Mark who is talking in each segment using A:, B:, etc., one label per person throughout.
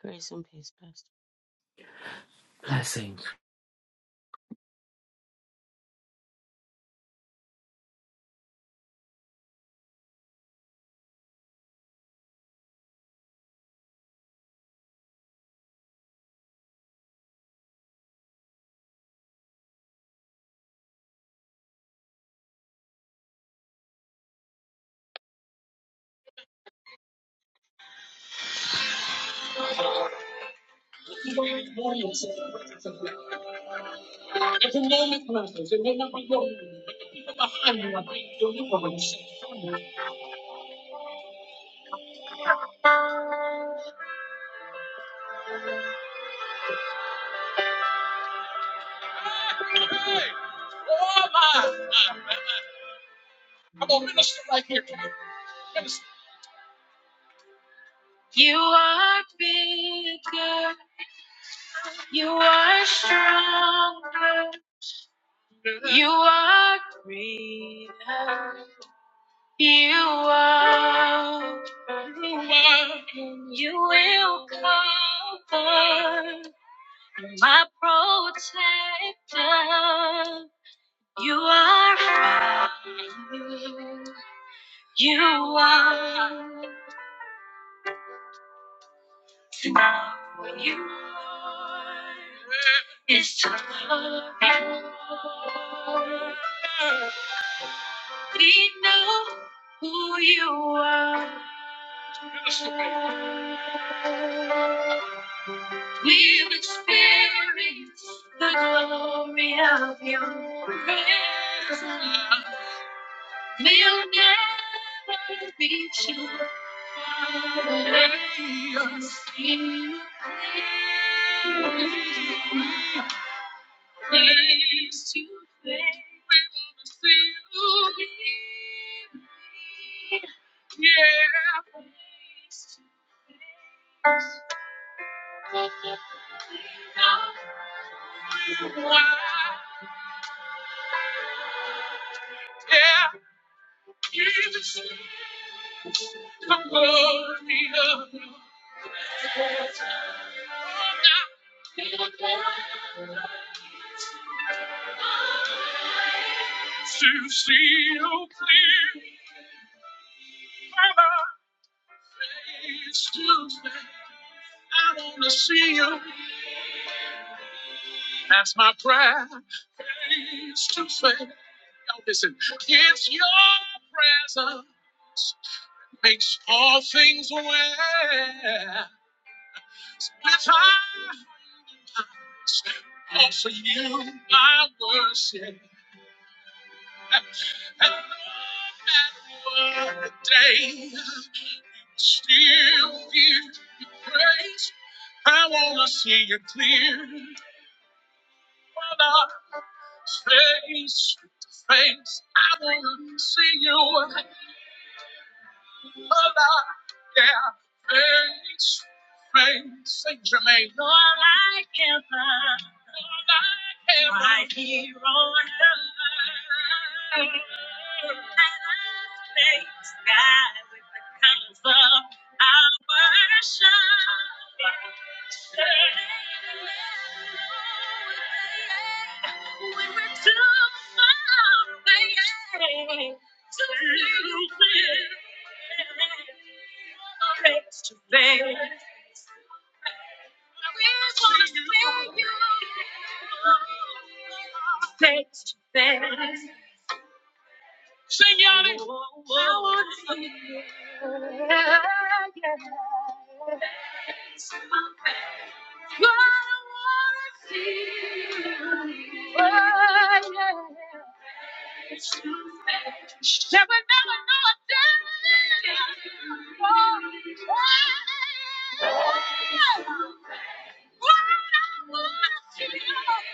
A: Grace and peace, Pastor.
B: Blessings.
A: You are bigger. You are stronger. You are greater. You are. And you will cover. my protector. You are mine. You are all you are. It's to love you. Lord. We know who you are. We'll experience the glory of your presence. We'll never be too far away. We'll see you face to face. We'll see you. Yeah, face to face. Yeah. to see you clear. Father, Face to face. I wanna see you. That's my prayer. Face to face. Now listen, it's your presence makes all things well. With eyes offer you my worship. And no matter what the day, still give you praise. I wanna see you clear, Father, face to face. I wanna see you, Father, yeah, face to face. Saint Jermaine, Lord, I can to Today. Face to face. Sing y'all this. I wanna see you. Yeah, yeah. I wanna see you. Oh, yeah. Face to face. Shall never know a day? Oh, oh, oh. I wanna see you.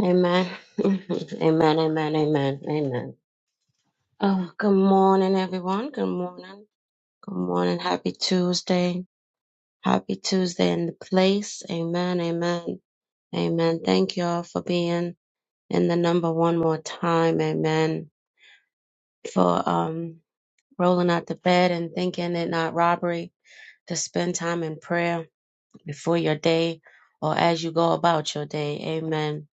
A: Amen. amen. Amen. Amen. Amen. Oh, good morning, everyone. Good morning. Good morning. Happy Tuesday. Happy Tuesday in the place. Amen. Amen. Amen. Thank you all for being in the number one more time. Amen. For um rolling out the bed and thinking it not robbery to spend time in prayer before your day or as you go about your day. Amen.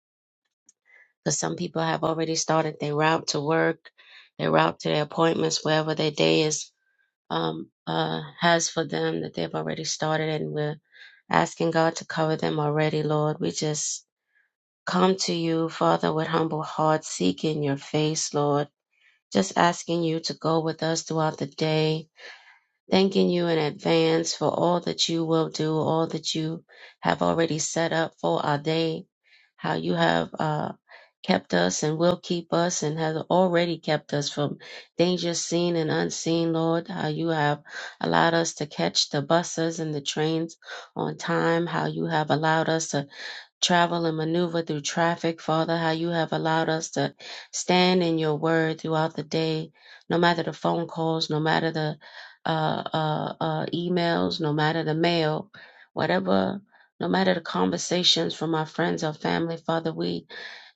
A: Because some people have already started their route to work, their route to their appointments, wherever their day is um, uh, has for them that they've already started, and we're asking God to cover them already, Lord. We just come to you, Father, with humble hearts, seeking your face, Lord. Just asking you to go with us throughout the day, thanking you in advance for all that you will do, all that you have already set up for our day how you have uh, kept us and will keep us and has already kept us from dangers seen and unseen, Lord. How you have allowed us to catch the buses and the trains on time. How you have allowed us to travel and maneuver through traffic, Father, how you have allowed us to stand in your word throughout the day, no matter the phone calls, no matter the uh, uh, uh, emails, no matter the mail, whatever, no matter the conversations from our friends or family, Father, we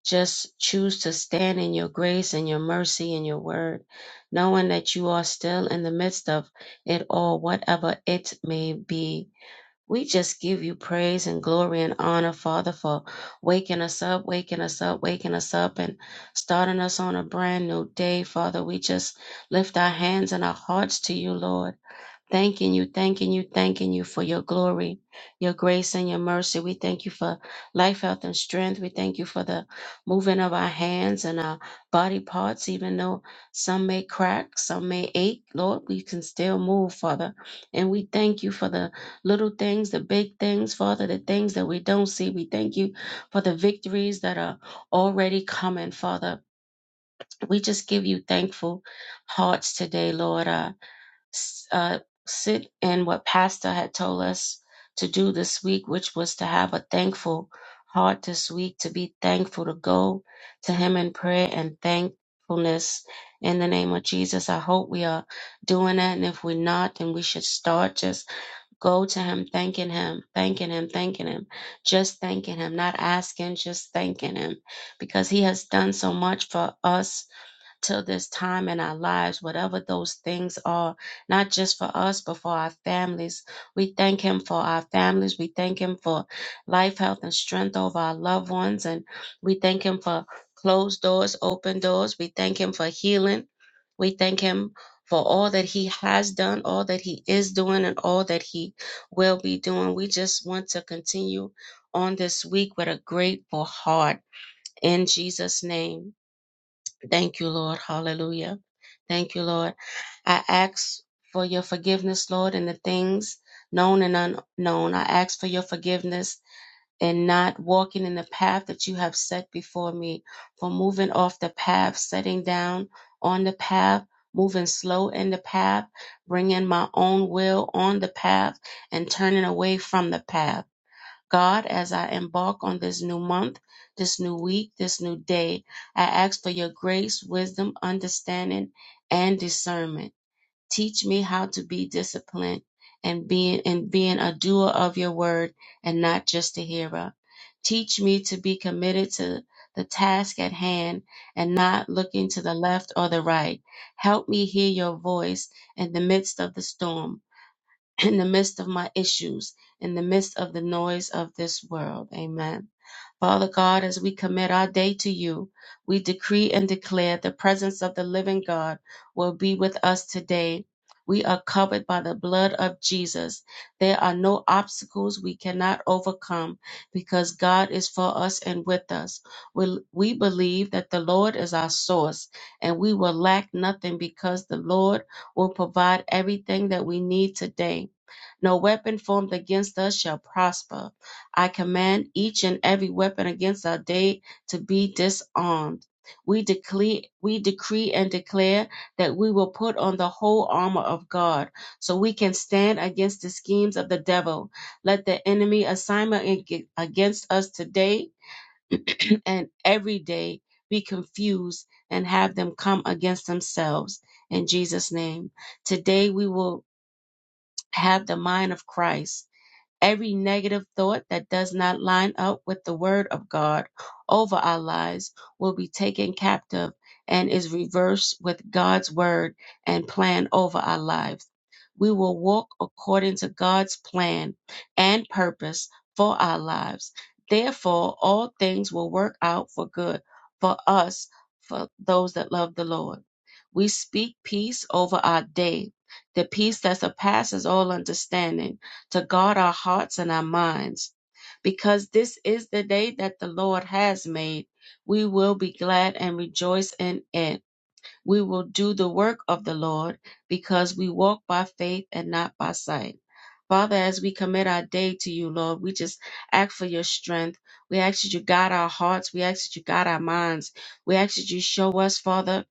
A: just choose to stand in your grace and your mercy and your word, knowing that you are still in the midst of it all, whatever it may be. We just give you praise and glory and honor, Father, for waking us up, waking us up, waking us up, and starting us on a brand new day, Father. We just lift our hands and our hearts to you, Lord. Thanking you, thanking you, thanking you for your glory, your grace, and your mercy. We thank you for life, health, and strength. We thank you for the moving of our hands and our body parts, even though some may crack, some may ache. Lord, we can still move, Father. And we thank you for the little things, the big things, Father, the things that we don't see. We thank you for the victories that are already coming, Father. We just give you thankful hearts today, Lord. Uh, uh, sit in what Pastor had told us to do this week, which was to have a thankful heart this week, to be thankful, to go to Him in prayer and thankfulness in the name of Jesus. I hope we are doing that. And if we're not, then we should start just go to Him, thanking Him, thanking Him, thanking Him, just thanking Him, not asking, just thanking Him because He has done so much for us till this time in our lives, whatever those things are, not just for us, but for our families. We thank Him for our families. We thank Him for life, health, and strength over our loved ones. And we thank Him for closed doors, open doors. We thank Him for healing. We thank Him for all that He has done, all that He is doing, and all that He will be doing. We just want to continue on this week with a grateful heart. In Jesus' name. Thank you, Lord. Hallelujah. Thank you, Lord. I ask for your forgiveness, Lord, in the things known and unknown. I ask for your forgiveness in not walking in the path that you have set before me, for moving off the path, setting down on the path, moving slow in the path, bringing my own will on the path, and turning away from the path. God, as I embark on this new month, this new week, this new day, I ask for your grace, wisdom, understanding, and discernment. Teach me how to be disciplined and being and being a doer of your word and not just a hearer. Teach me to be committed to the task at hand and not looking to the left or the right. Help me hear your voice in the midst of the storm in the midst of my issues, in the midst of the noise of this world. Amen. Father God, as we commit our day to you, we decree and declare the presence of the living God will be with us today. We are covered by the blood of Jesus. There are no obstacles we cannot overcome because God is for us and with us. We, we believe that the Lord is our source and we will lack nothing because the Lord will provide everything that we need today. No weapon formed against us shall prosper. I command each and every weapon against our day to be disarmed. We declare, we decree and declare that we will put on the whole armor of God so we can stand against the schemes of the devil. Let the enemy assignment ag- against us today and every day be confused and have them come against themselves in Jesus name. Today we will have the mind of Christ every negative thought that does not line up with the word of God over our lives will be taken captive and is reversed with God's word and plan over our lives. We will walk according to God's plan and purpose for our lives. Therefore, all things will work out for good for us, for those that love the Lord. We speak peace over our day, the peace that surpasses all understanding to guard our hearts and our minds, because this is the day that the Lord has made. We will be glad and rejoice in it. We will do the work of the Lord because we walk by faith and not by sight. Father, as we commit our day to you, Lord, we just ask for your strength. We ask that you guide our hearts. We ask that you guide our minds. We ask that you show us, Father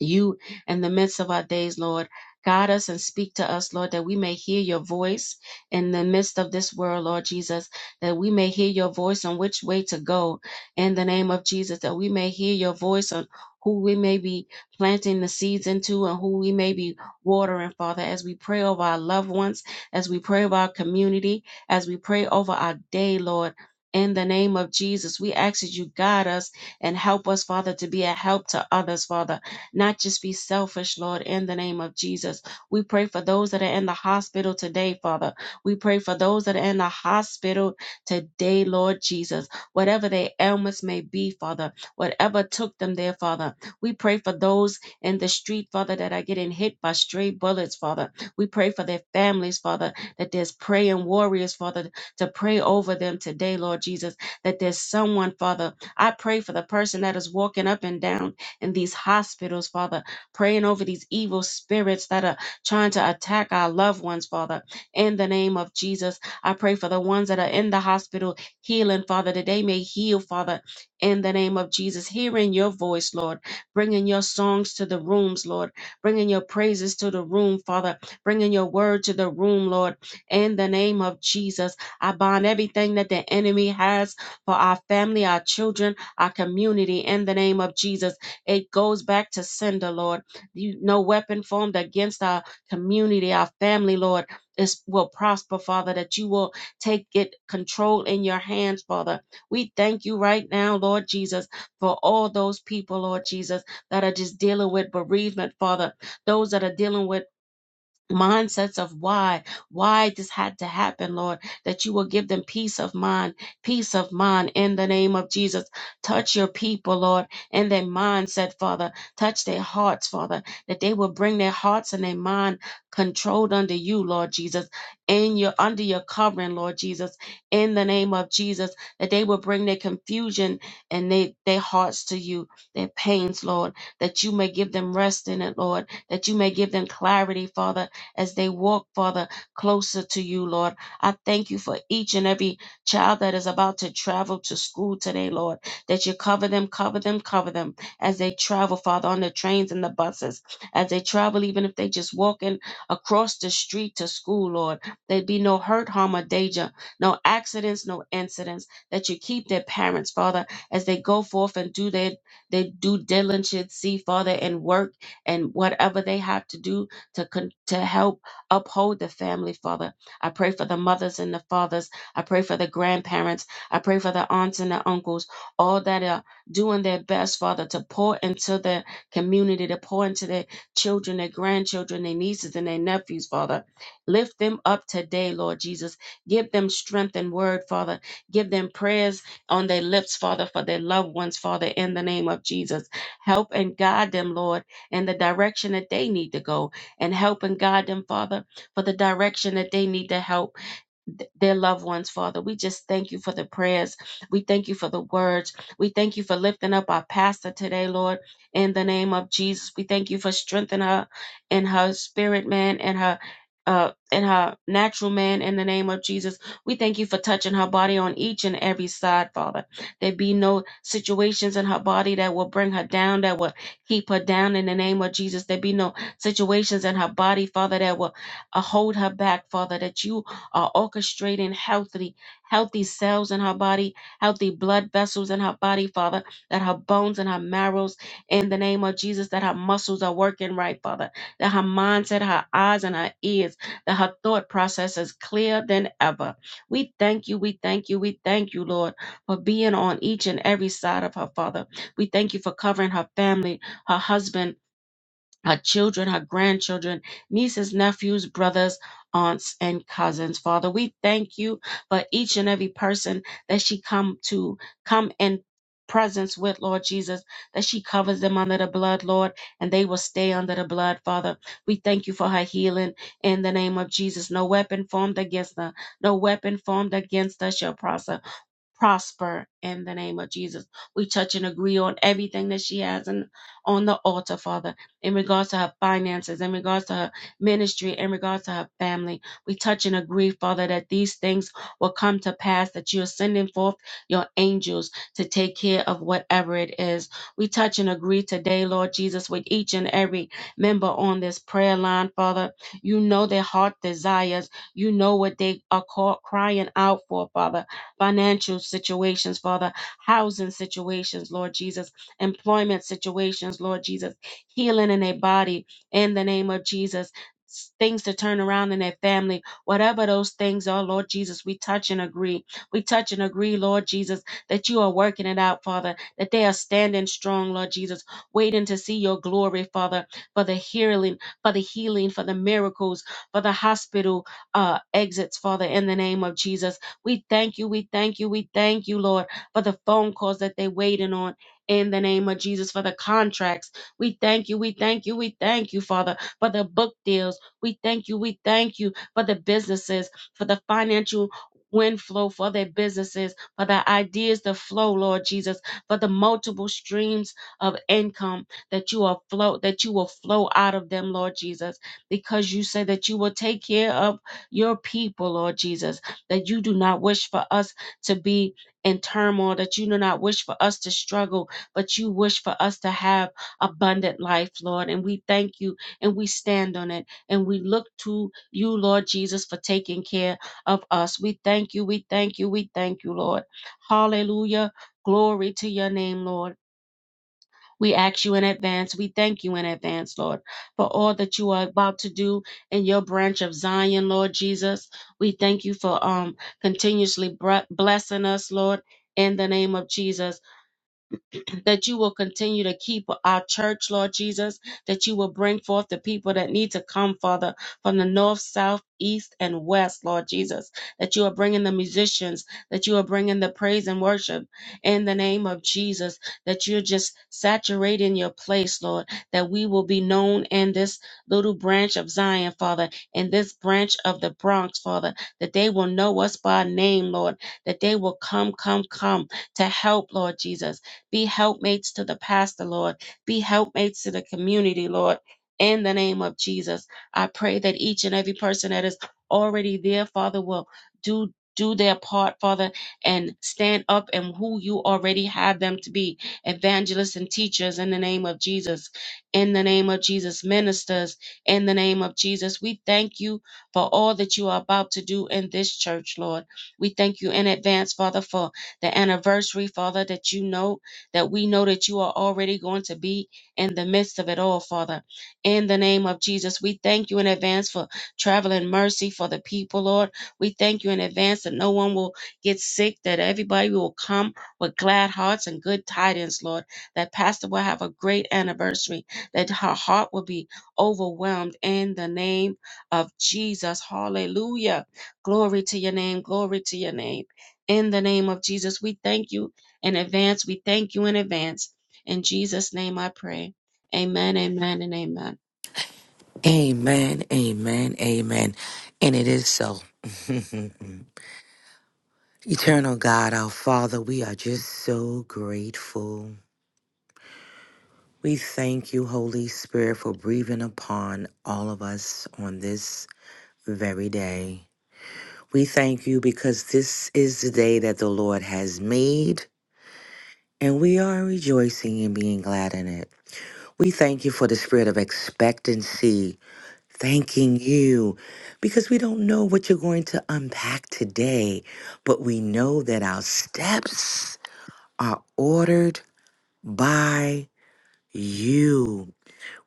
A: you in the midst of our days, Lord. Guide us and speak to us, Lord, that we may hear your voice in the midst of this world, Lord Jesus, that we may hear your voice on which way to go in the name of Jesus, that we may hear your voice on who we may be planting the seeds into and who we may be watering, Father, as we pray over our loved ones, as we pray over our community, as we pray over our day, Lord. In the name of Jesus, we ask that you guide us and help us, Father, to be a help to others, Father not just be selfish, Lord, in the name of Jesus. We pray for those that are in the hospital today, Father. We pray for those that are in the hospital today, Lord Jesus. Whatever their ailments may be, Father, whatever took them there, Father. We pray for those in the street, Father, that are getting hit by stray bullets, Father. We pray for their families, Father, that there's praying warriors, Father, to pray over them today, Lord Jesus, that there's someone, Father. I pray for the person that is walking up and down in these hospitals, Father, praying over these evil spirits that are trying to attack our loved ones, Father, in the name of Jesus. I pray for the ones that are in the hospital healing, Father, that they may heal, Father, in the name of Jesus. Hearing your voice, Lord, bringing your songs to the rooms, Lord, bringing your praises to the room, Father, bringing your word to the room, Lord, in the name of Jesus. I bind everything that the enemy has for our family, our children, our community, in the name of Jesus. It goes back to sender, Lord. You, no weapon formed against our community, our family, Lord, is will prosper, Father, that you will take it control in your hands, Father. We thank you right now, Lord Jesus, for all those people, Lord Jesus, that are just dealing with bereavement, Father. Those that are dealing with mindsets of why, why this had to happen, Lord, that you will give them peace of mind, peace of mind in the name of Jesus. Touch your people, Lord, in their mindset, Father. Touch their hearts, Father, that they will bring their hearts and their mind controlled under you, Lord Jesus, in your under your covering, Lord Jesus, in the name of Jesus, that they will bring their confusion and they, their hearts to you, their pains, Lord, that you may give them rest in it, Lord, that you may give them clarity, Father, as they walk, Father, closer to you, Lord. I thank you for each and every child that is about to travel to school today, Lord, that you cover them, cover them, cover them as they travel, Father, on the trains and the buses, as they travel, even if they just walking across the street to school, Lord. There be no hurt, harm, or danger, no accidents, no incidents, that you keep their parents, Father, as they go forth and do their, their due diligence, see, Father, and work and whatever they have to do, to con- to help uphold the family, Father. I pray for the mothers and the fathers. I pray for the grandparents. I pray for the aunts and the uncles, all that are doing their best, Father, to pour into their community, to pour into their children, their grandchildren, their nieces and their nephews, Father. Lift them up today, Lord Jesus. Give them strength and word, Father. Give them prayers on their lips, Father, for their loved ones, Father, in the name of Jesus. Help and guide them, Lord, in the direction that they need to go and help and guide them, Father, for the direction that they need to help th- their loved ones, Father. We just thank you for the prayers. We thank you for the words. We thank you for lifting up our pastor today, Lord, in the name of Jesus. We thank you for strengthening her in her spirit, man, and her. Uh, in her natural man, in the name of Jesus, we thank you for touching her body on each and every side, Father. There be no situations in her body that will bring her down, that will keep her down in the name of Jesus. There be no situations in her body, Father, that will uh, hold her back, Father, that you are orchestrating healthy, healthy cells in her body, healthy blood vessels in her body, Father, that her bones and her marrows, in the name of Jesus, that her muscles are working right, Father, that her mindset, her eyes, and her ears, that her thought process is clearer than ever. We thank you, we thank you, we thank you, Lord, for being on each and every side of her, Father. We thank you for covering her family, her husband, her children, her grandchildren, nieces, nephews, brothers, aunts, and cousins. Father, we thank you for each and every person that she come to come in presence with Lord Jesus, that she covers them under the blood, Lord, and they will stay under the blood, Father. We thank you for her healing in the name of Jesus. No weapon formed against her, no weapon formed against us shall prosper prosper in the name of Jesus. We touch and agree on everything that she has in, on the altar, Father, in regards to her finances, in regards to her ministry, in regards to her family. We touch and agree, Father, that these things will come to pass, that you're sending forth your angels to take care of whatever it is. We touch and agree today, Lord Jesus, with each and every member on this prayer line, Father. You know their heart desires. You know what they are call, crying out for, Father financial situations, Father, housing situations, Lord Jesus, employment situations, Lord Jesus, healing in their body in the name of Jesus. s- Things to turn around in their family, whatever those things are, Lord Jesus, we touch and agree. We touch and agree, Lord Jesus, that you are working it out, Father, that they are standing strong, Lord Jesus, waiting to see your glory, Father, for the healing, for the healing, for the miracles, for the hospital uh, exits, Father, in the name of Jesus we thank you, we thank you, we thank you, Lord, for the phone calls that they're waiting on in the name of Jesus, for the contracts. We thank you, we thank you, we thank you, Father, for the book deals. We thank you, we thank you for the businesses, for the financial. wind flow for their businesses, for the ideas to flow, Lord Jesus, for the multiple streams of income that you are flow that you will flow out of them, Lord Jesus, because you said that you will take care of your people, Lord Jesus that you do not wish for us to be in turmoil, that you do not wish for us to struggle, but you wish for us to have abundant life, Lord. And we thank you and we stand on it and we look to you, Lord Jesus, for taking care of us. We thank you, we thank you, we thank you, Lord. Hallelujah. Glory to your name, Lord. We ask you in advance. We thank you in advance, Lord, for all that you are about to do in your branch of Zion, Lord Jesus. We thank you for um continuously bre- blessing us, Lord. In the name of Jesus that you will continue to keep our church, Lord Jesus, that you will bring forth the people that need to come, Father, from the north, south, east, and west, Lord Jesus, that you are bringing the musicians, that you are bringing the praise and worship in the name of Jesus, that you're just saturating your place, Lord, that we will be known in this little branch of Zion, Father, in this branch of the Bronx, Father, that they will know us by name, Lord, that they will come, come, come to help, Lord Jesus be helpmates to the pastor, Lord. Be helpmates to the community, Lord. In the name of Jesus, I pray that each and every person that is already there, Father, will do do their part, Father, and stand up and who you already have them to be, evangelists and teachers in the name of Jesus. In the name of Jesus, ministers, in the name of Jesus. We thank you for all that you are about to do in this church, Lord. We thank you in advance, Father, for the anniversary, Father, that you know that we know that you are already going to be in the midst of it all, Father. In the name of Jesus, we thank you in advance for traveling mercy for the people, Lord. We thank you in advance that no one will get sick, that everybody will come with glad hearts and good tidings, Lord. That Pastor will have a great anniversary, that her heart will be overwhelmed in the name of Jesus. Hallelujah. Glory to your name. Glory to your name. In the name of Jesus, we thank you in advance. We thank you in advance. In Jesus' name I pray. Amen, amen, and amen.
B: Amen, amen, amen. And it is so. Eternal God, our Father, we are just so grateful. We thank you, Holy Spirit, for breathing upon all of us on this very day. We thank you because this is the day that the Lord has made, and we are rejoicing and being glad in it. We thank you for the spirit of expectancy thanking you because we don't know what you're going to unpack today, but we know that our steps are ordered by you.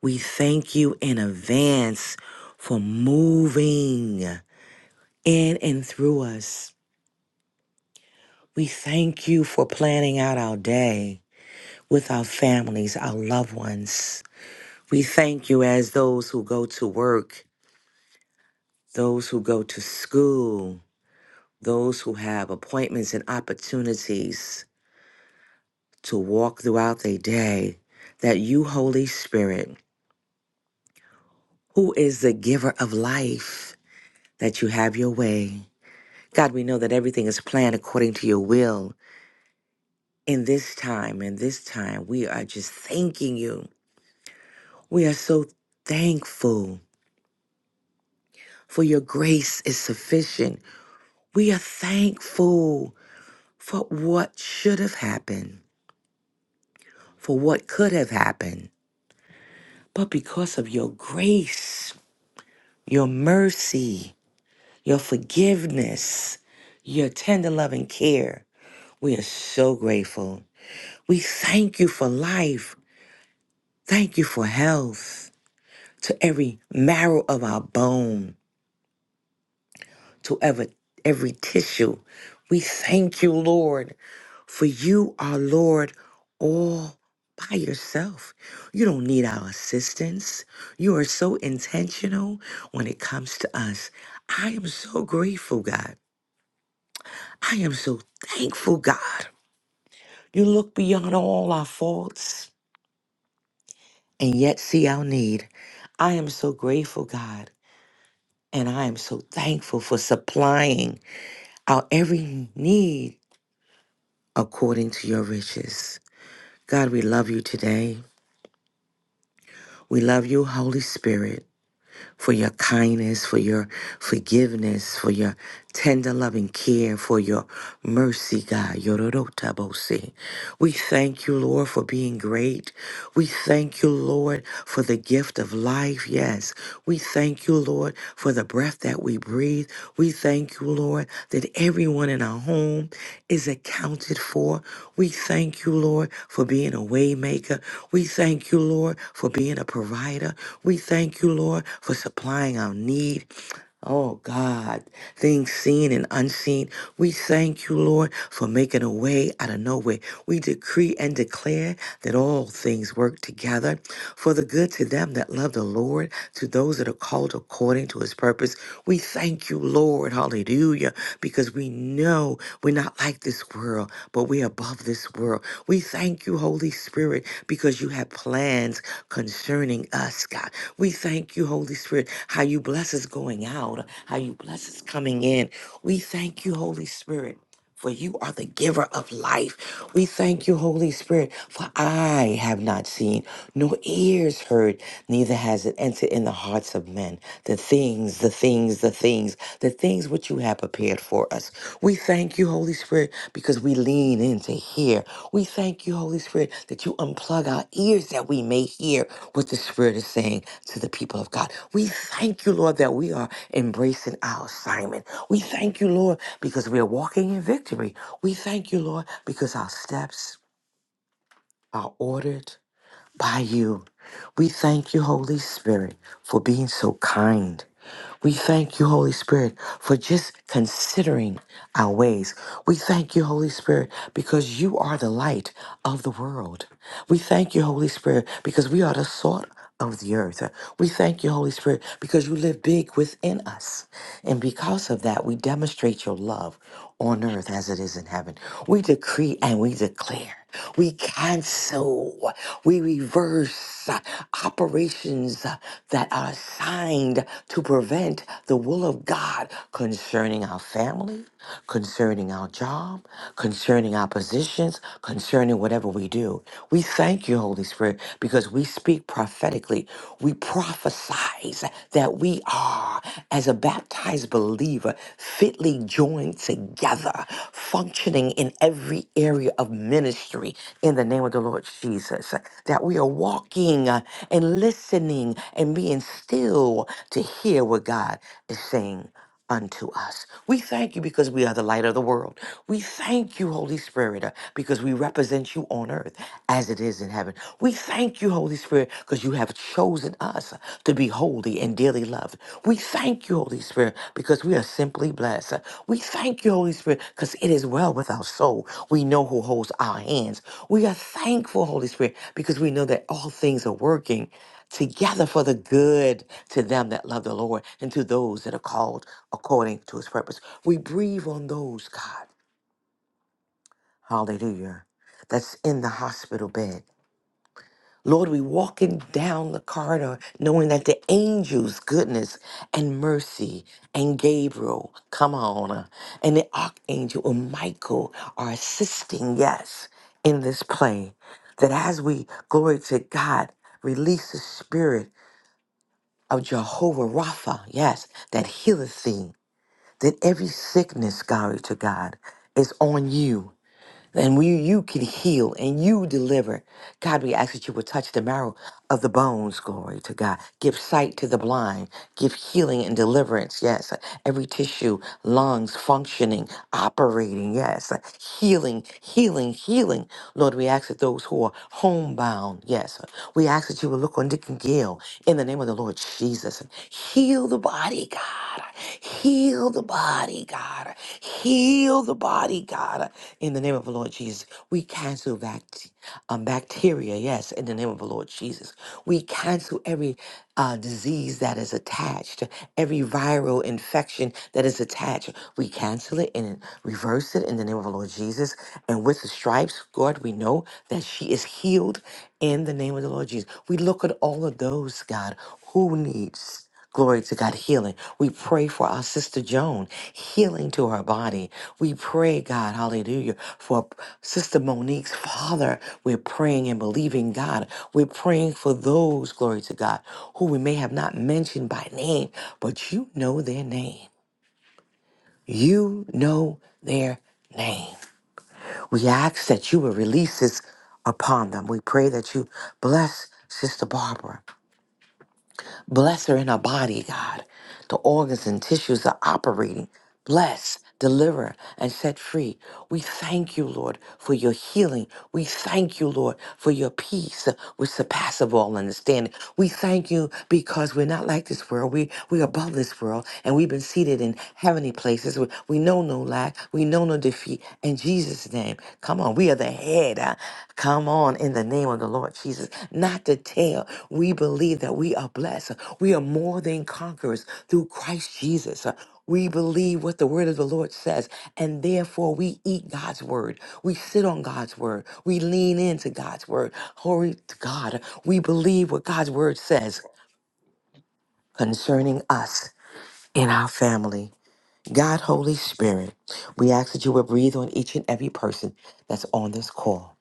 B: We thank you in advance for moving in and through us. We thank you for planning out our day with our families, our loved ones. We thank you as those who go to work, those who go to school, Those who have appointments and opportunities to walk throughout their day, that you, Holy Spirit, who is the giver of life, that you have your way. God, we know that everything is planned according to your will. In this time, in this time, we are just thanking you. We are so thankful for your grace is sufficient. We are thankful for what should have happened, for what could have happened but because of your grace, your mercy, your forgiveness, your tender love and care. We are so grateful. We thank you for life. Thank you for health, to every marrow of our bone. to every, every tissue. We thank you, Lord, for you are Lord all by yourself. You don't need our assistance. You are so intentional when it comes to us. I am so grateful, God. I am so thankful, God. You look beyond all our faults and yet see our need. I am so grateful, God, and I am so thankful for supplying our every need according to your riches. God, we love you today. We love you, Holy Spirit, for your kindness, for your forgiveness, for your tender loving care, for your mercy, God. Yororotabosi. We thank you, Lord, for being great. We thank you, Lord, for the gift of life. Yes. We thank you, Lord, for the breath that we breathe. We thank you, Lord, that everyone in our home is accounted for. We thank you, Lord, for being a waymaker. We thank you, Lord, for being a provider. We thank you, Lord, for supplying our need. Oh God, things seen and unseen. We thank you, Lord, for making a way out of no way. We decree and declare that all things work together for the good to them that love the Lord, to those that are called according to his purpose. We thank you, Lord. Hallelujah. Hallelujah. Because we know we're not like this world, but we're above this world. We thank you, Holy Spirit, because you have plans concerning us, God. We thank you, Holy Spirit, how you bless us going out, how you bless us coming in. We thank you, Holy Spirit for you are the giver of life. We thank you, Holy Spirit, for I have not seen, nor ears heard, neither has it entered in the hearts of men. The things, the things, the things, the things which you have prepared for us. We thank you, Holy Spirit, because we lean lean in to hear. We thank you, Holy Spirit, that you unplug our ears that we may hear what the Spirit is saying to the people of God. We thank you, Lord, that we are embracing our assignment. We thank you, Lord, because we are walking in victory. We thank you, Lord, because our steps are ordered by you. We thank you, Holy Spirit, for being so kind we thank you, Holy Spirit, for just considering our ways. We thank you, Holy Spirit, because you are the light of the world. We thank you, Holy Spirit, because we are the salt of the earth. We thank you, Holy Spirit, because you live big within us. And because of that, we demonstrate your love on earth as it is in heaven. We decree and we declare. We cancel, we reverse uh, operations uh, that are assigned to prevent the will of God concerning our family, concerning our job, concerning our positions, concerning whatever we do. We thank you, Holy Spirit, word because we speak prophetically. We prophesize that we are, as a baptized believer, fitly joined together, functioning in every area of ministry in the name of the Lord Jesus. That we are walking uh, and listening and being still to hear what God is saying unto us. We thank you because we are the light of the world. We thank you, Holy Spirit, uh, because we represent you on earth as it is in heaven. We thank you, Holy Spirit, because you have chosen us to be holy and dearly loved. We thank you, Holy Spirit, because we are simply blessed. We thank you, Holy Spirit, because it is well with our soul. We know who holds our hands. We are thankful, Holy Spirit, because we know that all things are working together for the good to them that love the Lord and to those that are called according to his purpose. We breathe on those, God. Hallelujah. That's in the hospital bed. Lord, we walking down the corridor knowing that the angels, goodness and mercy, and Gabriel, come on, uh, and the archangel and Michael are assisting, yes, in this play. That as we, glory to God, release the spirit of Jehovah Rapha, yes, that healeth thee, that every sickness, glory to God, is on you and we, you can heal and you deliver. God, we ask that you would touch the marrow of the bones, glory to God. Give sight to the blind. Give healing and deliverance, yes. Every tissue, lungs functioning, operating, yes. Healing, healing, healing. Lord, we ask that those who are homebound, yes. We ask that you would look on Dick and Gail in the name of the Lord Jesus. Heal Heal the body, God. Heal the body, God. Heal the body, God. In the name of the Lord Jesus, we cancel bact- um, bacteria. Yes, in the name of the Lord Jesus, we cancel every uh, disease that is attached, every viral infection that is attached. We cancel it and reverse it in the name of the Lord Jesus. And with the stripes, God, we know that she is healed in the name of the Lord Jesus. We look at all of those, God, who needs. Glory to God, healing. We pray for our sister Joan, healing to her body. We pray, God, hallelujah, for Sister Monique's father. We're praying and believing, God. We're praying for those, glory to God, who we may have not mentioned by name, but you know their name. You know their name. We ask that you will release this upon them. We pray that you bless Sister Barbara. Bless her in her body, God. The organs and tissues are operating. Bless, deliver, and set free. We thank you, Lord, for your healing. We thank you, Lord, for your peace, uh, which surpasses all understanding. We thank you because we're not like this world. We we're above this world, and we've been seated in heavenly places. We, we know no lack. We know no defeat. and. In Jesus' name. Come on. We are the head. uh, Come on. In the name of the Lord Jesus. Not the tail. We believe that we are blessed. We are more than conquerors through Christ Jesus. Uh, We believe what the word of the Lord says, and therefore we eat God's word. We sit on God's word. We lean into God's word. Glory to God. We believe what God's word says concerning us in our family. God, Holy Spirit, we ask that you will breathe on each and every person that's on this call.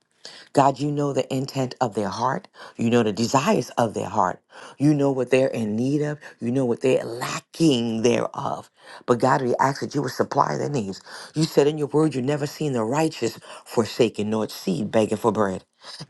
B: God, you know the intent of their heart. You know the desires of their heart. You know what they're in need of. You know what they're lacking thereof. But God, we ask that you would supply their needs. You said in your word, you never seen the righteous forsaken nor its seed begging for bread.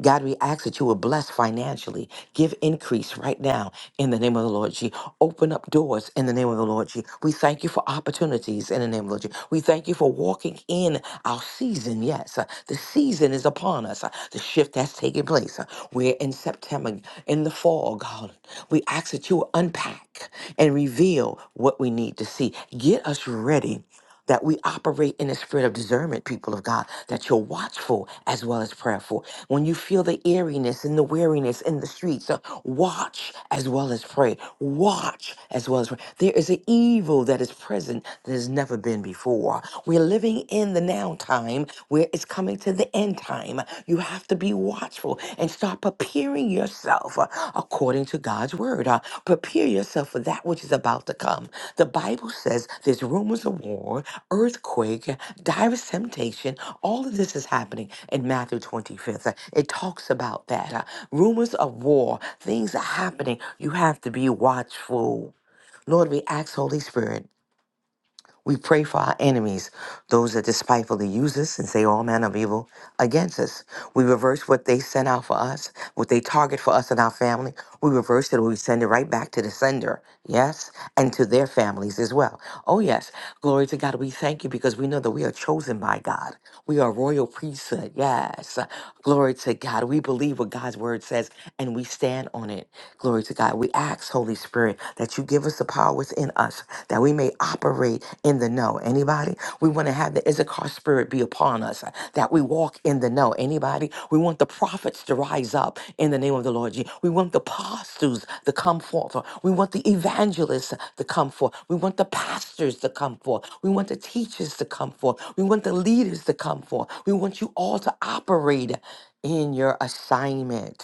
B: God, we ask that you will bless financially. Give increase right now in the name of the Lord G. Open up doors in the name of the Lord G. We thank you for opportunities in the name of the Lord G. We thank you for walking in our season. Yes, uh, the season is upon us. uh, The shift that's taking place. uh, We're in September, in the fall, God. We ask that you will unpack and reveal what we need to see. Get us ready that we operate in the spirit of discernment, people of God, that you're watchful as well as prayerful. When you feel the eeriness and the weariness in the streets, uh, watch as well as pray. Watch as well as pray. There is an evil that is present that has never been before. We're living in the now time where it's coming to the end time. You have to be watchful watchful and start preparing yourself uh, according to God's word. Uh, prepare yourself for that which is about to come. The Bible says there's rumors of war, earthquake, direst temptation. All of this is happening in Matthew 25th. Uh, It talks about that. Uh, rumors of war, things are happening. You have to be watchful. Lord, we ask, Holy Spirit. We pray for our enemies, those that despitefully use us and say all manner of evil against us. We reverse what they send out for us, what they target for us and our family. We reverse it we send it right back to the sender, yes, and to their families as well. Oh, yes. Glory to God. We thank you because we know that we are chosen by God. We are royal priesthood. Yes. Glory to God. We believe what God's word says and we stand on it. Glory to God. We ask, Holy Spirit, that you give us the power within us that we may operate in the know. Anybody? We want to have the Issachar spirit be upon us, that we walk walk in the know. Anybody? We want the prophets to rise up in the name of the Lord Jesus. We want the apostles to come forth. We want the evangelists to come forth. We want the pastors to come forth. We want the teachers to come forth. We want the leaders to come forth. We want you all to operate in your assignment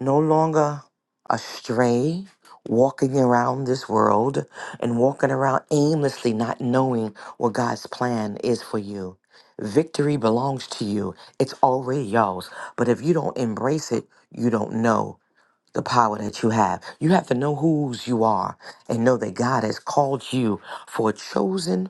B: no longer astray, walking around this world and walking around aimlessly, not knowing what God's plan is for you. Victory belongs to you, it's already yours. But if you don't embrace it, you don't know the power that you have. You have to know whose you are and know that God has called you for a chosen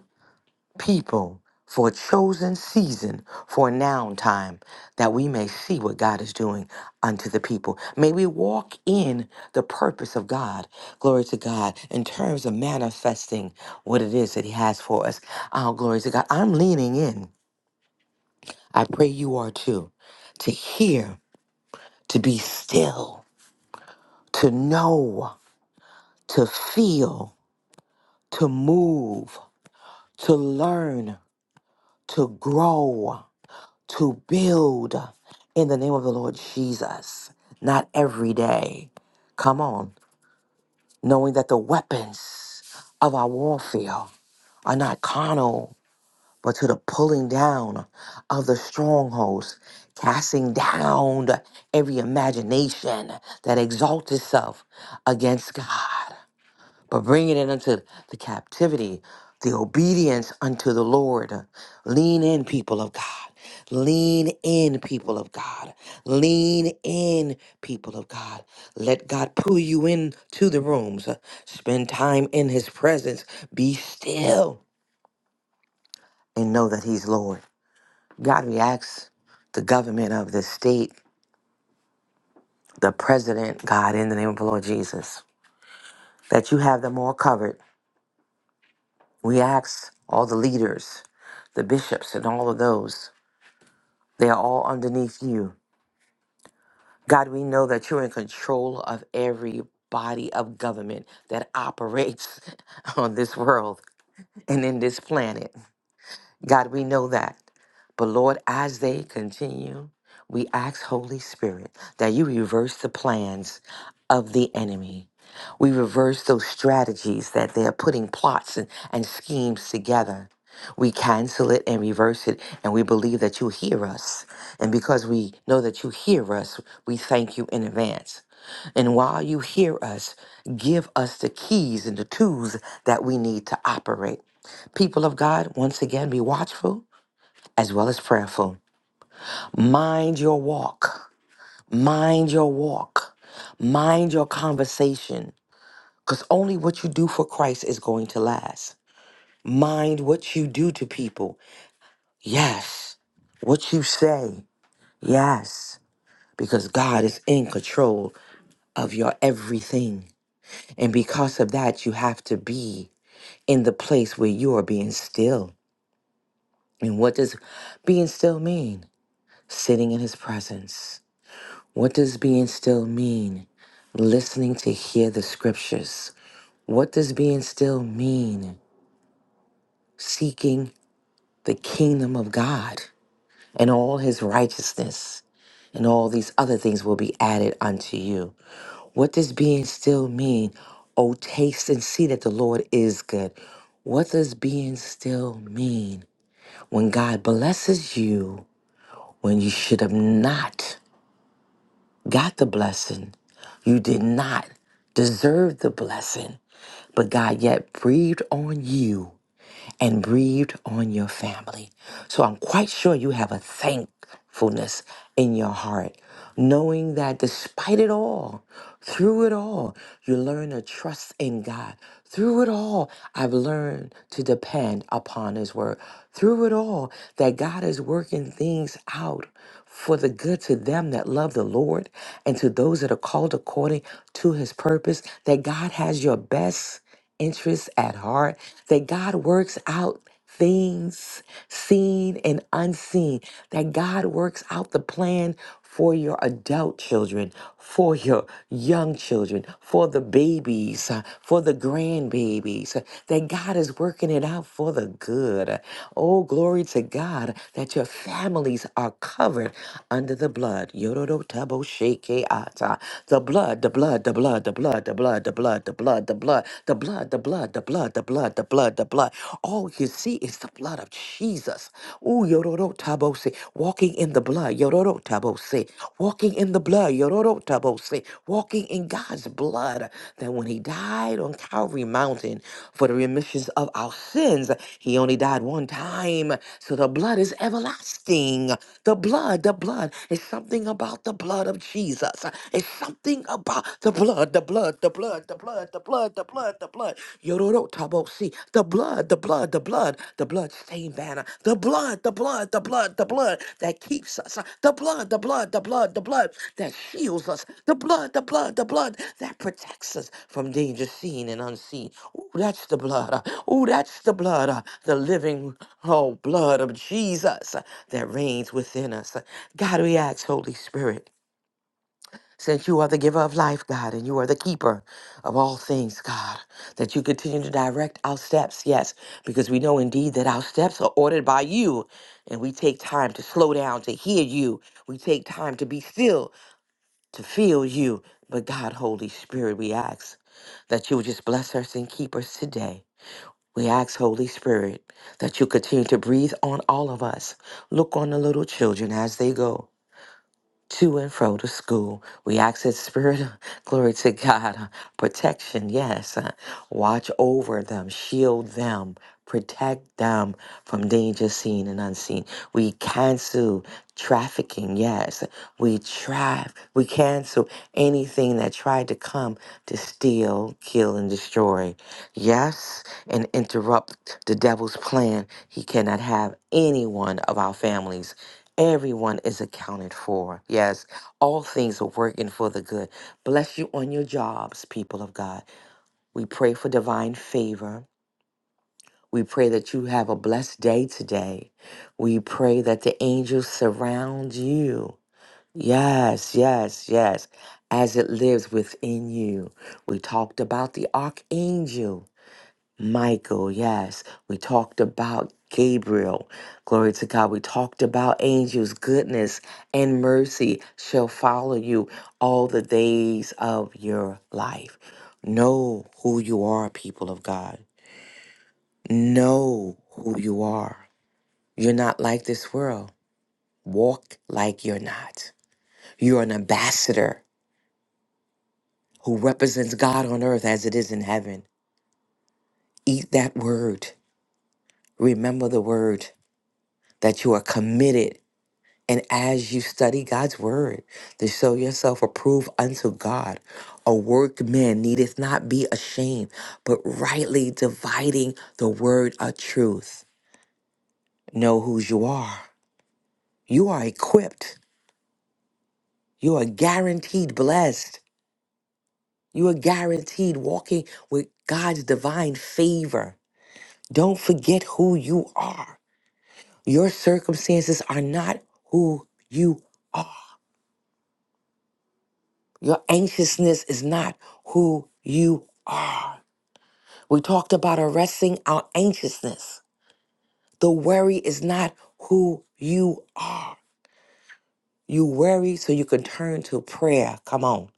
B: people for a chosen season, for a noun time, that we may see what God is doing unto the people. May we walk in the purpose of God, glory to God, in terms of manifesting what it is that He has for us. Oh, glory to God. I'm leaning in. I pray you are too, to hear, to be still, to know, to feel, to move, to learn, to grow to build in the name of the Lord Jesus, not every day. Come on, knowing that the weapons of our warfare are not carnal, but to the pulling down of the strongholds, casting down every imagination that exalts itself against God but bringing it unto the captivity, the obedience unto the Lord. Lean in, people of God. Lean in, people of God. Lean in, people of God. Let God pull you into the rooms. Spend time in His presence. Be still and know that He's Lord. God reacts the government of this state, the president, God, in the name of the Lord Jesus, that you have them all covered We ask all the leaders, the bishops, and all of those, they are all underneath you. God, we know that you're in control of every body of government that operates on this world and in this planet. God, we know that. But Lord, as they continue, we ask, Holy Spirit, that you reverse the plans of the enemy. We reverse those strategies that they are putting plots and, and schemes together. We cancel it and reverse it, and we believe that you hear us. And because we know that you hear us, we thank you in advance. And while you hear us, give us the keys and the tools that we need to operate. People of God, once again, be watchful as well as prayerful. Mind your walk. Mind your walk. Mind your conversation. Because only what you do for Christ is going to last. Mind what you do to people. Yes. What you say. Yes. Because God is in control of your everything. And because of that, you have to be in the place where you are being still. And what does being still mean? Sitting in his presence. What does being still mean? Listening to hear the scriptures. What does being still mean? Seeking the kingdom of God and all his righteousness. and all these other things will be added unto you. What does being still mean? Oh, taste and see that the Lord is good. What does being still mean? When God blesses you, when you should have not got the blessing, you did not deserve the blessing, but God yet breathed on you and breathed on your family. So I'm quite sure you have a thankfulness in your heart, knowing that despite it all, through it all, you learn to trust in God. Through it all, I've learned to depend upon His Word. Through it all, that God is working things out for the good to them that love the Lord and to those that are called according to His purpose, that God has your best interests at heart, that God works out things seen and unseen, that God works out the plan for your adult children, for your young children, for the babies, uh, for the grandbabies, uh, that God is working it out for the good. Oh, glory to God that your families are covered under the blood. Yororo tabo sheke ata. The blood, the blood, the blood, the blood, the blood the blood, the blood, the blood, the blood, the blood, the blood, the blood, the blood, the blood, the blood. All you see is the blood of Jesus. Ooh, yororo tabose, walking in the blood, yororo tabose, walking in the blood, yororo tabose, walking in God's blood. That when He died on Calvary Mountain for the remissions of our sins, He only died one time. So the blood is everlasting. The blood, the blood is something about the blood of Jesus. It's something nothing about the blood, the blood, the blood, the blood, the blood, the blood, the blood. Yororo tabo see the blood, the blood, the blood, the blood stained banner, the blood, the blood, the blood, the blood that keeps us, the blood, the blood, the blood, the blood that shields us, the blood, the blood, the blood that protects us from danger seen and unseen. Ooh, that's the blood. Ooh, that's the blood, uh, the living, oh, blood of Jesus uh, that reigns within us. God, we ask, Holy Spirit. Since you are the giver of life, God, and you are the keeper of all things, God, that you continue to direct our steps, yes, because we know indeed that our steps are ordered by you, and we take time to slow down to hear you. We take time to be still, to feel you. But God, Holy Spirit, we ask that you would just bless us and keep us today. We ask, Holy Spirit, that you continue to breathe on all of us. Look on the little children as they go to and fro to school. We ask that Spirit, of- glory to God, uh, protection, yes. uh, Watch over them, shield them, protect them from danger seen and unseen. We cancel trafficking, yes. We try, we cancel anything that tried to come to steal, kill, and destroy. Yes, and interrupt the devil's plan. He cannot have any one of our families Everyone is accounted for. Yes, all things are working for the good. Bless you on your jobs, people of God. We pray for divine favor. We pray that you have a blessed day today. We pray that the angels surround you. Yes, yes, yes, as it lives within you. We talked about the archangel. Michael, yes. We talked about Gabriel. Glory to God. We talked about angels. Goodness and mercy shall follow you all the days of your life. Know who you are, people of God. Know who you are. You're not like this world. Walk like you're not. You're an ambassador who represents God on earth as it is in heaven. Eat that word. Remember the word that you are committed And as you study God's word, to show yourself approved unto God, a workman needeth not be ashamed, but rightly dividing the word of truth. Know whose you are. You are equipped. You are guaranteed blessed. You are guaranteed walking with God's divine favor. Don't forget who you are. Your circumstances are not who you are. Your anxiousness is not who you are. We talked about arresting our anxiousness. The worry is not who you are. You worry so you can turn to prayer. Come on.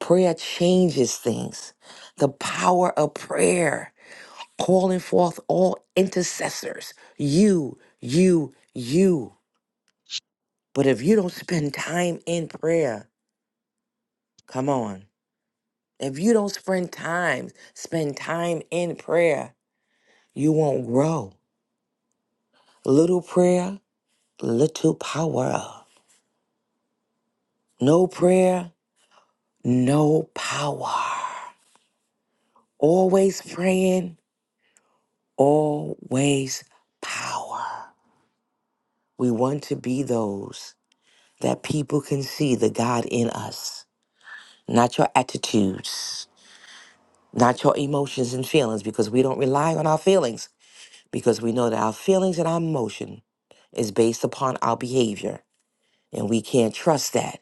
B: Prayer changes things. The power of prayer, calling forth all intercessors. You, you, you. But if you don't spend time in prayer, come on. If you don't spend time, spend time in prayer, you won't grow. Little prayer, little power. No prayer, no power. Always praying, always power. We want to be those that people can see the God in us, not your attitudes, not your emotions and feelings, because we don't rely on our feelings, because we know that our feelings and our emotion is based upon our behavior, and we can't trust that.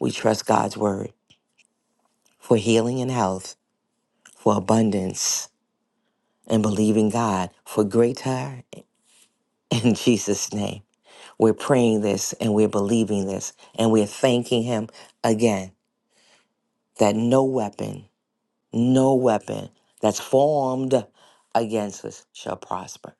B: We trust God's word for healing and health, for abundance and believing God for greater in Jesus' name. We're praying this and we're believing this and we're thanking Him again that no weapon no weapon that's formed against us shall prosper.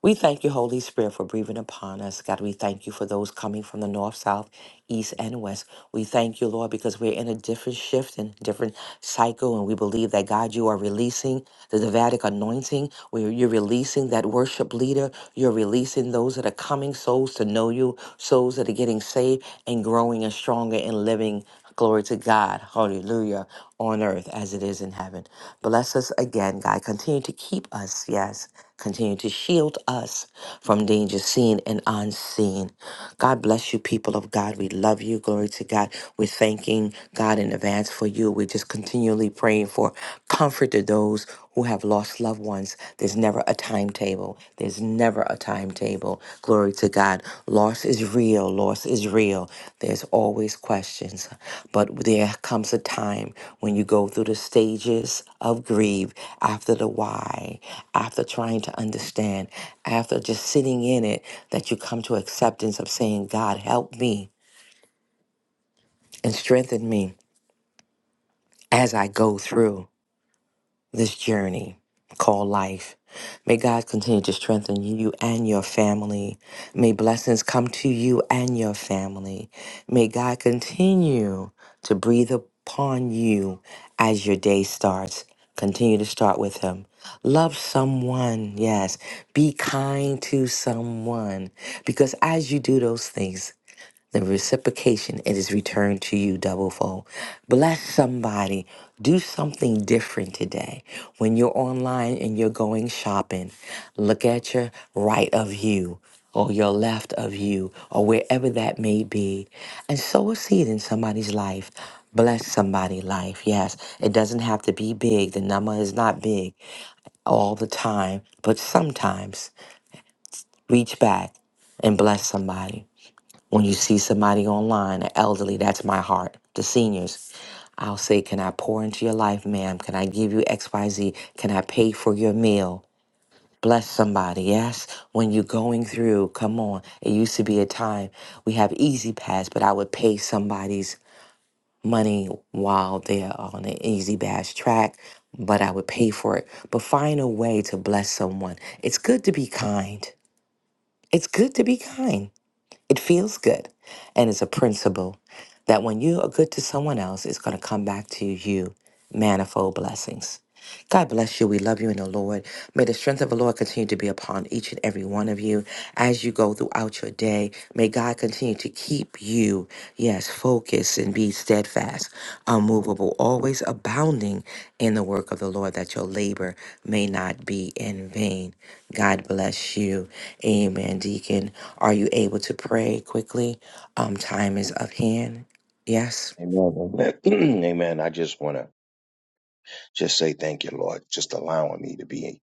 B: We thank you, Holy Spirit, for breathing upon us. God, we thank you for those coming from the north, south, east, and west. We thank you, Lord, because we're in a different shift and different cycle, and we believe that, God, you are releasing the Davidic anointing, where you're releasing that worship leader. You're releasing those that are coming, souls to know you, souls that are getting saved and growing and stronger and living Glory to God. Hallelujah on earth as it is in heaven. Bless us again, God. Continue to keep us, yes. Continue to shield us from danger seen and unseen. God bless you, people of God. We love you. Glory to God. We're thanking God in advance for you. We're just continually praying for comfort to those who have lost loved ones. There's never a timetable. There's never a timetable. Glory to God. Loss is real. Loss is real. There's always questions. But there comes a time when you go through the stages of grief after the why, after trying to understand, after just sitting in it, that you come to acceptance of saying, God, help me and strengthen me as I go through. this journey called life. May God continue to strengthen you and your family. May blessings come to you and your family. May God continue to breathe upon you as your day starts. Continue to start with Him. Love someone, yes. Be kind to someone because as you do those things, the reciprocation it is returned to you double fold bless somebody do something different today when you're online and you're going shopping look at your right of you or your left of you or wherever that may be and sow a seed in somebody's life bless somebody's life yes it doesn't have to be big the number is not big all the time but sometimes reach back and bless somebody when you see somebody online, an elderly, that's my heart, the seniors, I'll say, Can I pour into your life, ma'am? Can I give you XYZ? Can I pay for your meal? Bless somebody, yes? When you're going through, come on. It used to be a time we have Easy Pass, but I would pay somebody's money while they're on an Easy Pass track, but I would pay for it. But find a way to bless someone. It's good to be kind. It's good to be kind. It feels good. And it's a principle that when you are good to someone else, it's going to come back to you manifold blessings. God bless you. We love you in the Lord. May the strength of the Lord continue to be upon each and every one of you as you go throughout your day. May God continue to keep you, yes, focused and be steadfast, unmovable, always abounding in the work of the Lord, that your labor may not be in vain. God bless you. Amen. Deacon, are you able to pray quickly? Um, time is of hand. Yes.
C: Amen. Amen. I just want to just say thank you, Lord, just allowing me to be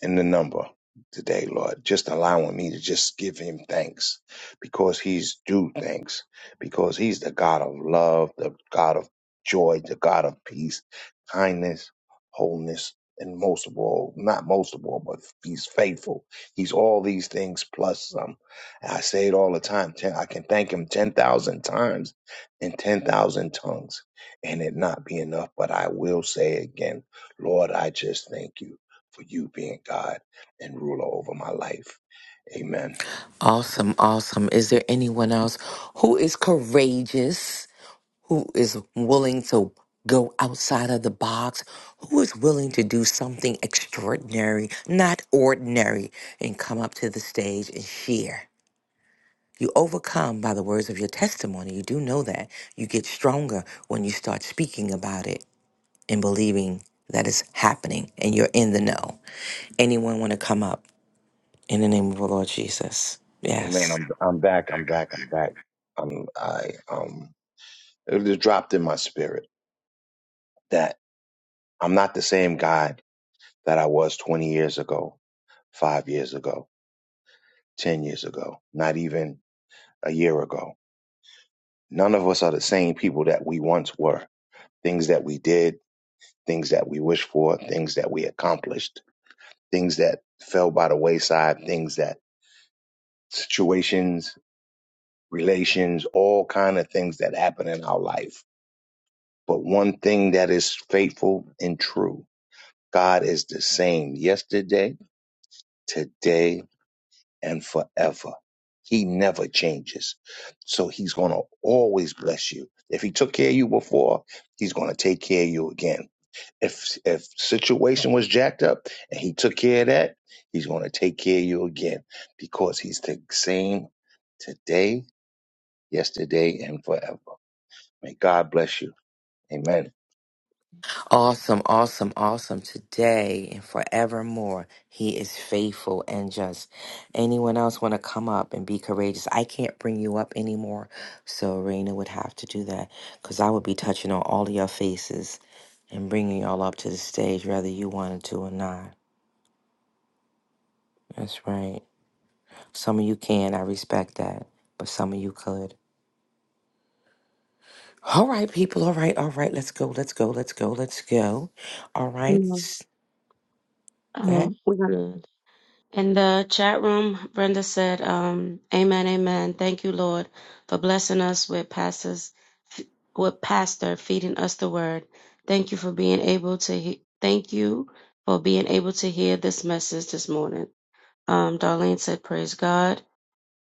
C: in the number today, Lord. Just allowing me to just give him thanks because he's due thanks, because he's the God of love, the God of joy, the God of peace, kindness, wholeness, and most of all, not most of all, but he's faithful. He's all these things plus some. And I say it all the time. Ten, I can thank him 10,000 times in 10,000 tongues and it not be enough, but I will say again, Lord, I just thank you for you being God and ruler over my life. Amen.
B: Awesome, awesome. Is there anyone else who is courageous, who is willing to go outside of the box, who is willing to do something extraordinary, not ordinary, and come up to the stage and share? You overcome by the words of your testimony. You do know that. You get stronger when you start speaking about it and believing that it's happening and you're in the know. Anyone want to come up in the name of the Lord Jesus?
C: Amen.
B: Yes.
C: I'm I'm back. I'm back. I'm back. Um, I um, it just dropped in my spirit that I'm not the same guy that I was 20 years ago, five years ago, 10 years ago, not even a year ago. None of us are the same people that we once were. Things that we did, things that we wished for, things that we accomplished, things that fell by the wayside, things that situations relations, all kind of things that happen in our life. But one thing that is faithful and true, God is the same yesterday, today, and forever. He never changes. So he's going to always bless you. If he took care of you before, he's going to take care of you again. If if situation was jacked up and he took care of that, he's going to take care of you again because he's the same today, yesterday, and forever. May God bless you. Amen.
B: Awesome, awesome, awesome. Today and forevermore, He is faithful and just. Anyone else want to come up and be courageous? I can't bring you up anymore, so Raina would have to do that because I would be touching on all of your faces and bringing y'all up to the stage, whether you wanted to or not. That's right. Some of you can, I respect that, but some of you could. All right, people. All right, all right. Let's go, let's go, let's go, let's go. All right.
A: Amen.
B: Go ahead.
A: Um, we're gonna in the chat room, Brenda said, um, Amen, amen. Thank you, Lord, for blessing us with pastors with pastor feeding us the word. Thank you for being able to he- thank you for being able to hear this message this morning. Um, Darlene said, Praise God.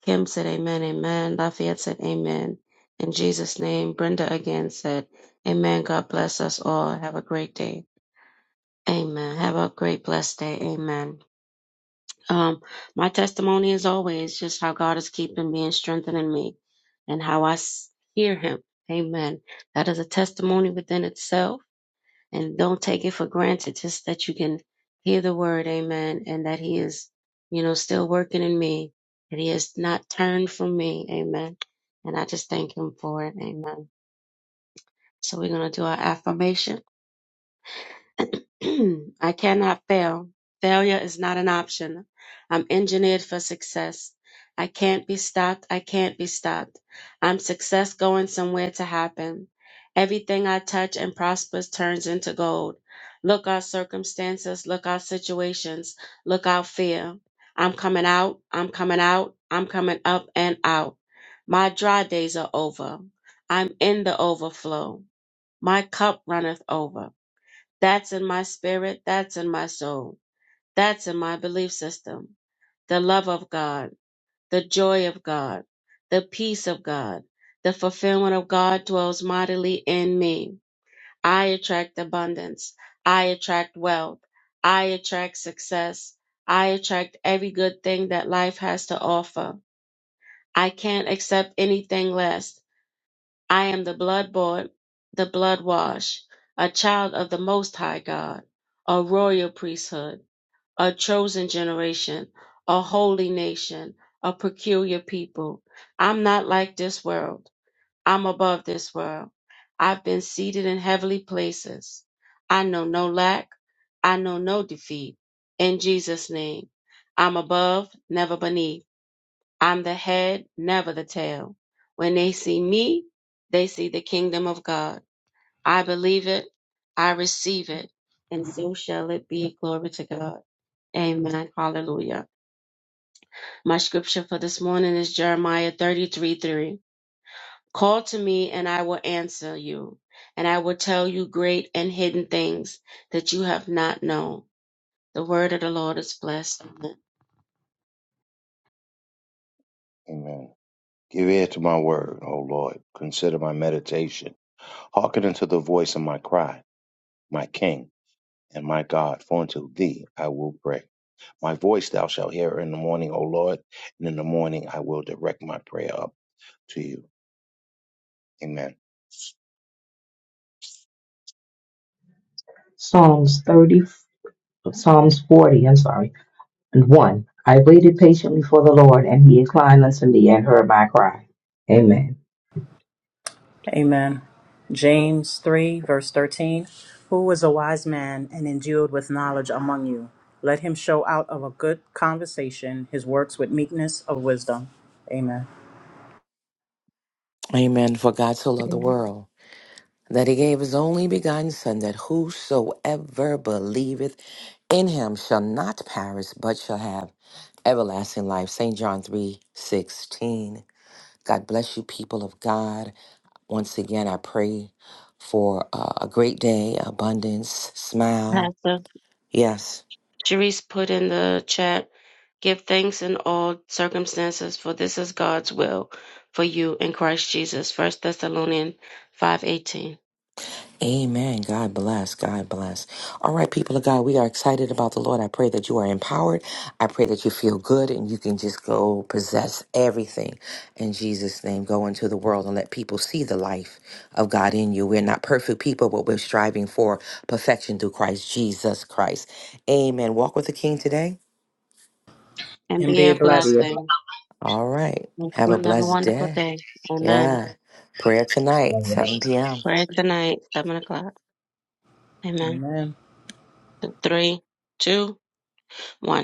A: Kim said amen, amen. Lafayette said amen. In Jesus' name, Brenda again said, Amen. God bless us all. Have a great day. Amen. Have a great blessed day. Amen. Um, my testimony is always just how God is keeping me and strengthening me and how I s- hear him. Amen. That is a testimony within itself and don't take it for granted just that you can hear the word amen and that he is you know still working in me and he has not turned from me amen and i just thank him for it amen so we're going to do our affirmation. I cannot fail. Failure is not an option. I'm engineered for success. I can't be stopped. I can't be stopped. I'm success going somewhere to happen. Everything I touch and prospers turns into gold. Look out circumstances, look out situations, look out fear. I'm coming out, I'm coming out, I'm coming up and out. My dry days are over. I'm in the overflow. My cup runneth over. That's in my spirit. That's in my soul. That's in my belief system. The love of God, the joy of God, the peace of God, the fulfillment of God dwells mightily in me. I attract abundance. I attract wealth. I attract success. I attract every good thing that life has to offer. I can't accept anything less. I am the blood bought, the blood washed, a child of the Most High God, a royal priesthood a chosen generation, a holy nation, a peculiar people. I'm not like this world. I'm above this world. I've been seated in heavenly places. I know no lack. I know no defeat. In Jesus' name, I'm above, never beneath. I'm the head, never the tail. When they see me, they see the kingdom of God. I believe it, I receive it, and so shall it be. Glory to God. Amen. Hallelujah. My scripture for this morning is Jeremiah 33 3. Call to me, and I will answer you, and I will tell you great and hidden things that you have not known. The word of the Lord is blessed.
C: Amen. Give ear to my word, O Lord. Consider my meditation. Hearken unto the voice of my cry, my King and my God, for unto thee I will pray. My voice thou shalt hear in the morning, O Lord, and in the morning I will direct my prayer up to you. Amen.
D: Psalms 30, Psalms 40, I'm sorry, and 1. I waited patiently for the Lord, and he inclined unto me and heard my cry. Amen.
E: Amen. James 3, verse 13. Who is a wise man and endued with knowledge among you? Let him show out of a good conversation his works with meekness of wisdom. Amen.
B: Amen. For God so loved the
A: Amen.
B: world. that he gave his only begotten Son, that whosoever believeth in him shall not perish, but shall have everlasting life. St. John three sixteen. God bless you, people of God. Once again, I pray for uh, a great day, abundance, smile.
A: Pastor.
B: Yes.
A: Cherise put in the chat, give thanks in all circumstances, for this is God's will for you in Christ Jesus. First Thessalonians five eighteen.
B: Amen. God bless. God bless. All right, people of God, we are excited about the Lord. I pray that you are empowered. I pray that you feel good and you can just go possess everything in Jesus' name. Go into the world and let people see the life of God in you. We're not perfect people, but we're striving for perfection through Christ Jesus Christ. Amen. Walk with the King today.
A: And
E: And
A: be
E: be
A: a
E: a
D: And
A: black
D: be a
E: blessing.
A: thing.
B: All right. Have a
A: Have a
B: blessed
A: wonderful
B: day.
A: day. Amen.
B: Yeah. Prayer tonight,
D: blessing.
B: 7 p.m.
A: Prayer tonight, seven o'clock. Amen.
E: Amen.
A: Three, two, one.